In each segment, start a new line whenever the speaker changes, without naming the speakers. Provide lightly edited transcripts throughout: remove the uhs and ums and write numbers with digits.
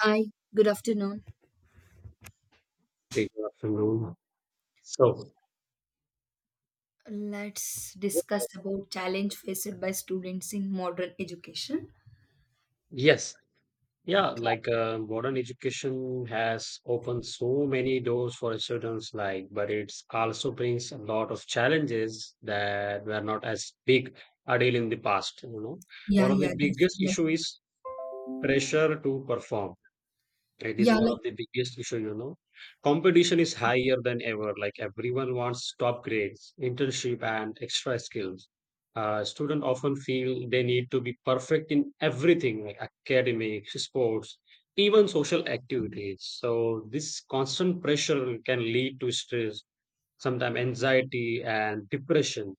Hi, good afternoon.
Hey, good afternoon. So,
Let's
yeah,
discuss about challenge faced by students in modern education.
yes, Modern education has opened so many doors for students, like, but it's also brings a lot of challenges that were not as big a deal in the past. You know,
Yeah,
one of the
yeah, that's
biggest issue is pressure to perform. It is
yeah,
one
like
of the biggest issue, you know. Competition is higher than ever. Like everyone wants top grades, internship, and extra skills. Students often feel they need to be perfect in everything, like academics, sports, even social activities. So this constant pressure can lead to stress, sometimes anxiety and depression.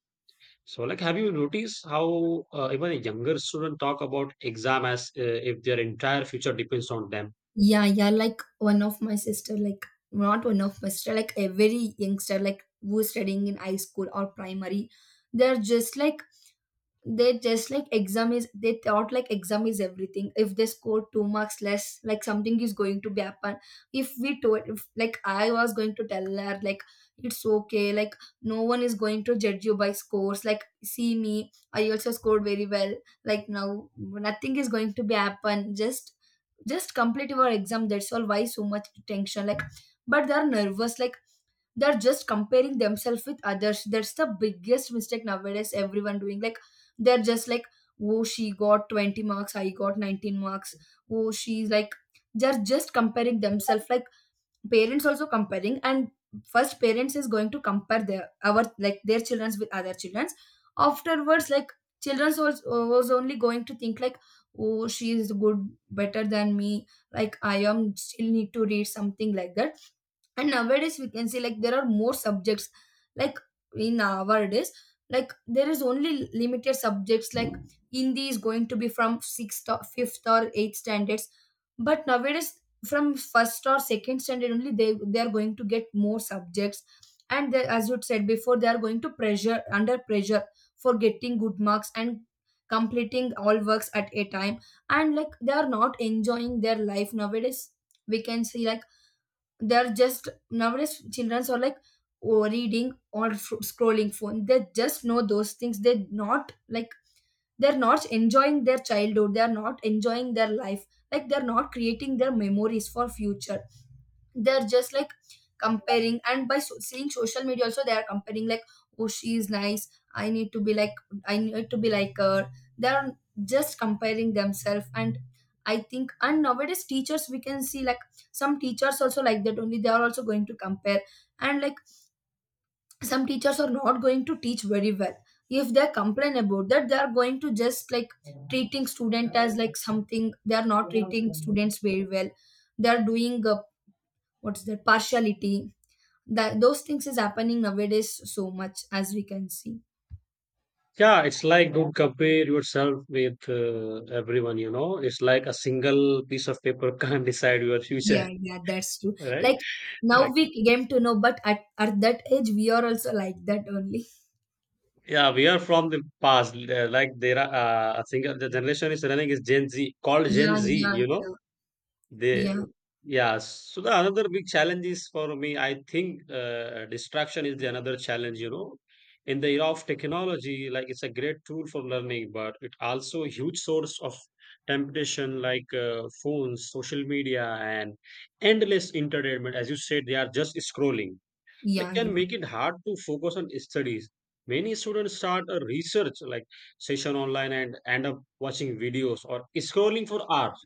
So, like, have you noticed how even a younger student talk about exam as if their entire future depends on them?
yeah, like one of my sister, like, not one of my sister, like a very youngster, like who's studying in high school or primary. They're just like they just like exam is they thought like exam is everything. If they score two marks less, like something is going to be happen. If we told, if like I was going to tell her like it's okay, like no one is going to judge you by scores. Like see me, I also scored very well. Like now nothing is going to be happen, just complete your exam, that's all. Why so much tension? Like but they're nervous, like they're just comparing themselves with others. That's the biggest mistake nowadays, everyone doing, like they're just like oh, she got 20 marks, I got 19 marks. Oh, she's like, they're just comparing themselves, like parents also comparing. And first parents is going to compare their our like their children's with other children's, afterwards. Like children's was only going to think, like oh, she is good, better than me, like I am still need to read something like that. And nowadays we can see like there are more subjects, like in our days, like there is only limited subjects, like hindi is going to be from sixth or fifth or eighth standards. But nowadays from first or second standard only, they are going to get more subjects. And they, as you said before, they are going to pressure, under pressure for getting good marks and completing all works at a time. And like they are not enjoying their life. Nowadays we can see like they're just, nowadays children are like oh, reading or scrolling phone, they just know those things. They're not like, they're not enjoying their childhood, they're not enjoying their life, like they're not creating their memories for future. They're just like comparing and by seeing social media also they are comparing, like oh she is nice, I need to be like, I need to be like her. They're just comparing themselves. And I think, and nowadays teachers we can see like some teachers also like that only, they are also going to compare. And like some teachers are not going to teach very well. If they complain about that, they are going to just like treating student as like something, they are not treating students very well. They are doing what's that, partiality. That those things is happening nowadays so much, as we can see.
Yeah, it's like don't compare yourself with everyone, you know. It's like a single piece of paper can't decide your future,
Yeah, yeah, that's true.
right?
Like now
Like,
we came to know, but at that age we are also like that only.
yeah, we are from the past. Like there are a single the generation is running is Gen Z, called Gen
Yeah,
Z,
yeah,
you know.
yeah.
They
Yeah.
yeah. So the another big challenge is for me, I think distraction is the another challenge, you know. In the era of technology, like it's a great tool for learning, but it also a huge source of temptation like phones, social media, and endless entertainment. As you said, they are just scrolling. That
Yeah.
can
Yeah,
make it hard to focus on studies. Many students start a research like session online and end up watching videos or scrolling for hours.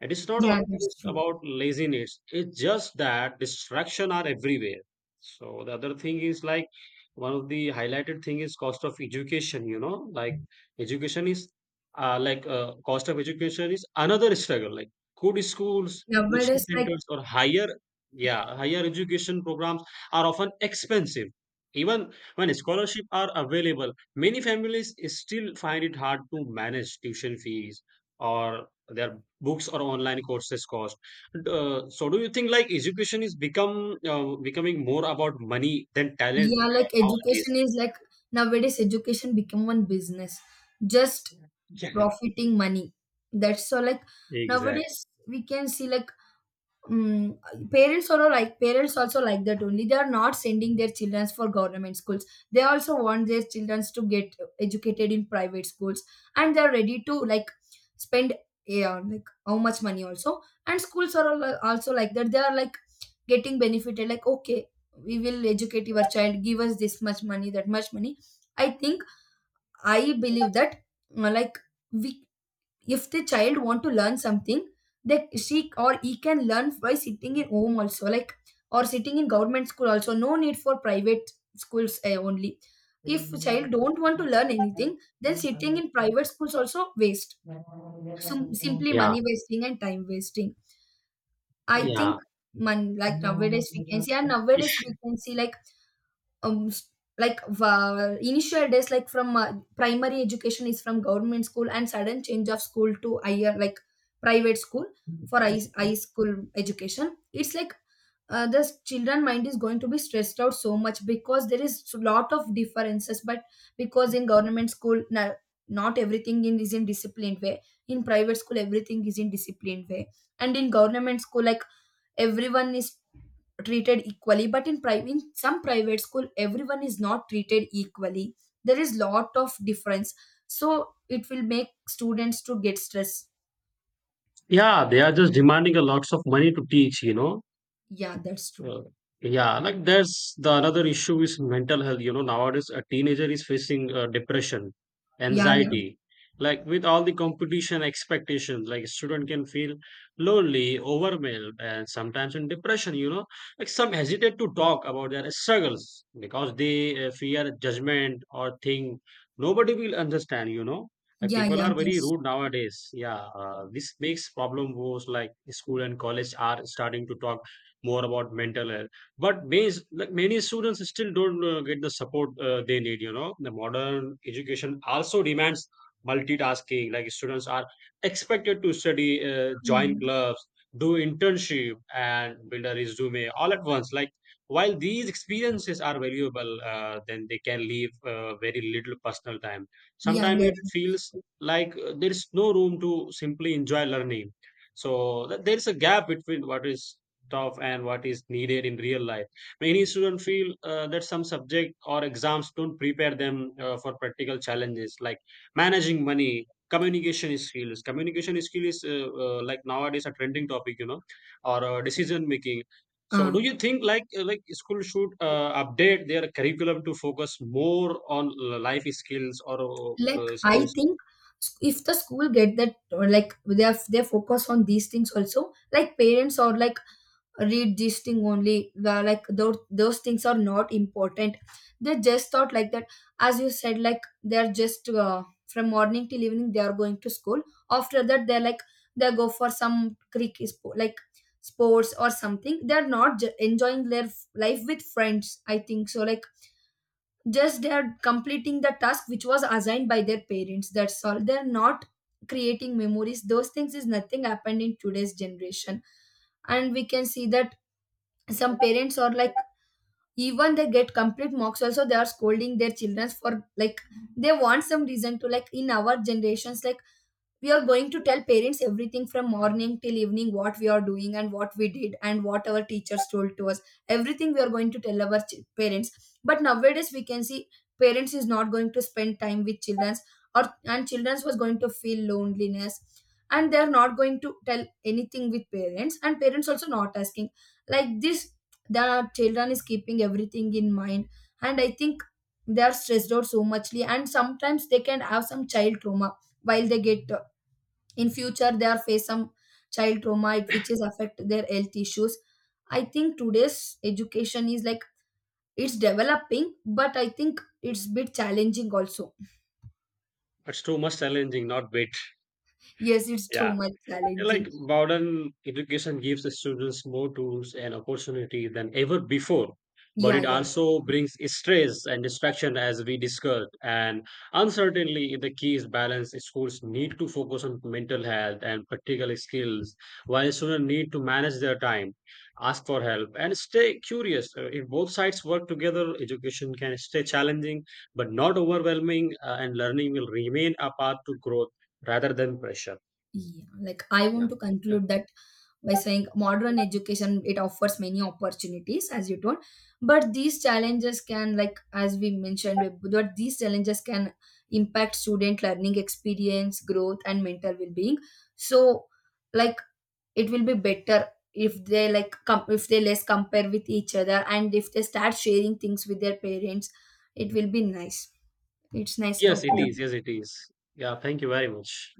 It is not
yeah, that's
always
true.
about laziness. It's just that distraction are everywhere. So the other thing is like one of the highlighted thing is cost of education. You know, like education is like cost of education is another struggle. Like good schools, coaching
Nowadays like
centers, or higher, yeah, higher education programs are often expensive. Even when scholarship are available, many families still find it hard to manage tuition fees or their books or online courses cost. So do you think like education is become becoming more about money than talent
yeah, like
nowadays?
education is like nowadays education become one business, just
Yeah,
profiting money. That's so, like
exactly.
nowadays we can see like. Mm, parents are all like parents also like that only, they are not sending their children for government schools. They also want their children to get educated in private schools, and they're ready to like spend, yeah, like how much money also. And schools are also like that, they are like getting benefited, like okay, we will educate your child, give us this much money, that much money. I think, I believe that, like we, if the child want to learn something, they, she or he can learn by sitting in home also, like or sitting in government school also, no need for private schools eh, only. If child don't want to learn anything, then sitting in private schools also waste. Simply
Yeah,
money wasting and time wasting, I
yeah.
think, man. Like nowadays we can see, and nowadays we can see like um s- like initial days like from primary education is from government school, and sudden change of school to higher, like private school, for high school education. It's like the children mind is going to be stressed out so much because there is a lot of differences. But because in government school not everything is in disciplined way. In private school everything is in disciplined way. And in government school like everyone is treated equally, but in private, in some private school everyone is not treated equally. There is lot of difference, so it will make students to get stress.
Yeah, they are just demanding a lots of money to teach, you know.
Yeah, that's true.
Uh, yeah, like there's the another issue is mental health. You know, nowadays a teenager is facing depression,
Yeah, yeah,
anxiety. Like with all the competition expectations, like a student can feel lonely, overwhelmed, and sometimes in depression. You know, like some hesitate to talk about their struggles because they fear judgment or think nobody will understand. You know, like
yeah.
people
Yeah,
are very
that's
rude nowadays. Yeah, this makes problem worse. Like school and college are starting to talk more about mental health. But many students still don't get the support they need. You know, the modern education also demands multitasking. Like students are expected to study, join clubs, do internship, and build a resume all at once. Like while these experiences are valuable, then they can leave very little personal time.
yeah,
Sometimes
yeah.
it feels like there is no room to simply enjoy learning. So there is a gap between what is of and what is needed in real life. Many students feel that some subject or exams don't prepare them for practical challenges, like managing money, communication skills. Communication skill is Like nowadays a trending topic, you know, or decision making. So
uh,
do you think like school should update their curriculum to focus more on life skills or
like I
skills?
think, if the school get that, or like they have they focus on these things also, like parents or like read this thing only, where like those things are not important. They just thought like that. As you said, like they're just from morning till evening they are going to school. After that they're like they go for some creek like sports or something. They're not enjoying their life with friends, I think so. Like just they're completing the task which was assigned by their parents, that's all. They're not creating memories, those things is nothing happened in today's generation. And we can see that some parents are like even they get complete mocks also, they are scolding their children for like they want some reason to, like in our generations like we are going to tell parents everything from morning till evening what we are doing and what we did and what our teachers told to us, everything we are going to tell our parents. But nowadays we can see parents is not going to spend time with children, or, and children was going to feel loneliness, and they are not going to tell anything with parents. And parents also not asking, like this. The children is keeping everything in mind. And I think they are stressed out so muchly, and sometimes they can have some child trauma. While they get in future they are face some child trauma, it which is affect their health issues. I think today's education is like it's developing, but I think it's bit challenging also.
It's too much challenging, not bit.
Yes, it's too
Yeah.
much
Yeah, like
challenging.
modern education gives the students more tools and opportunity than ever before, but
Yeah,
it
yeah.
also brings stress and distraction as we discussed. And uncertainly, the key is balance. Schools need to focus on mental health and practical skills, while students need to manage their time, ask for help, and stay curious. If both sides work together, education can stay challenging but not overwhelming, and learning will remain a path to growth rather than pressure.
Yeah, like I want to
Yeah.
conclude that by saying modern education, it offers many opportunities as you told, but these challenges can, like as we mentioned, but these challenges can impact student learning experience, growth, and mental well-being. So, like it will be better if they like if they less compare with each other, and if they start sharing things with their parents, it will be nice. It's nice
Yes, it is.
talking.
Yes, it is. Yeah, thank you very much.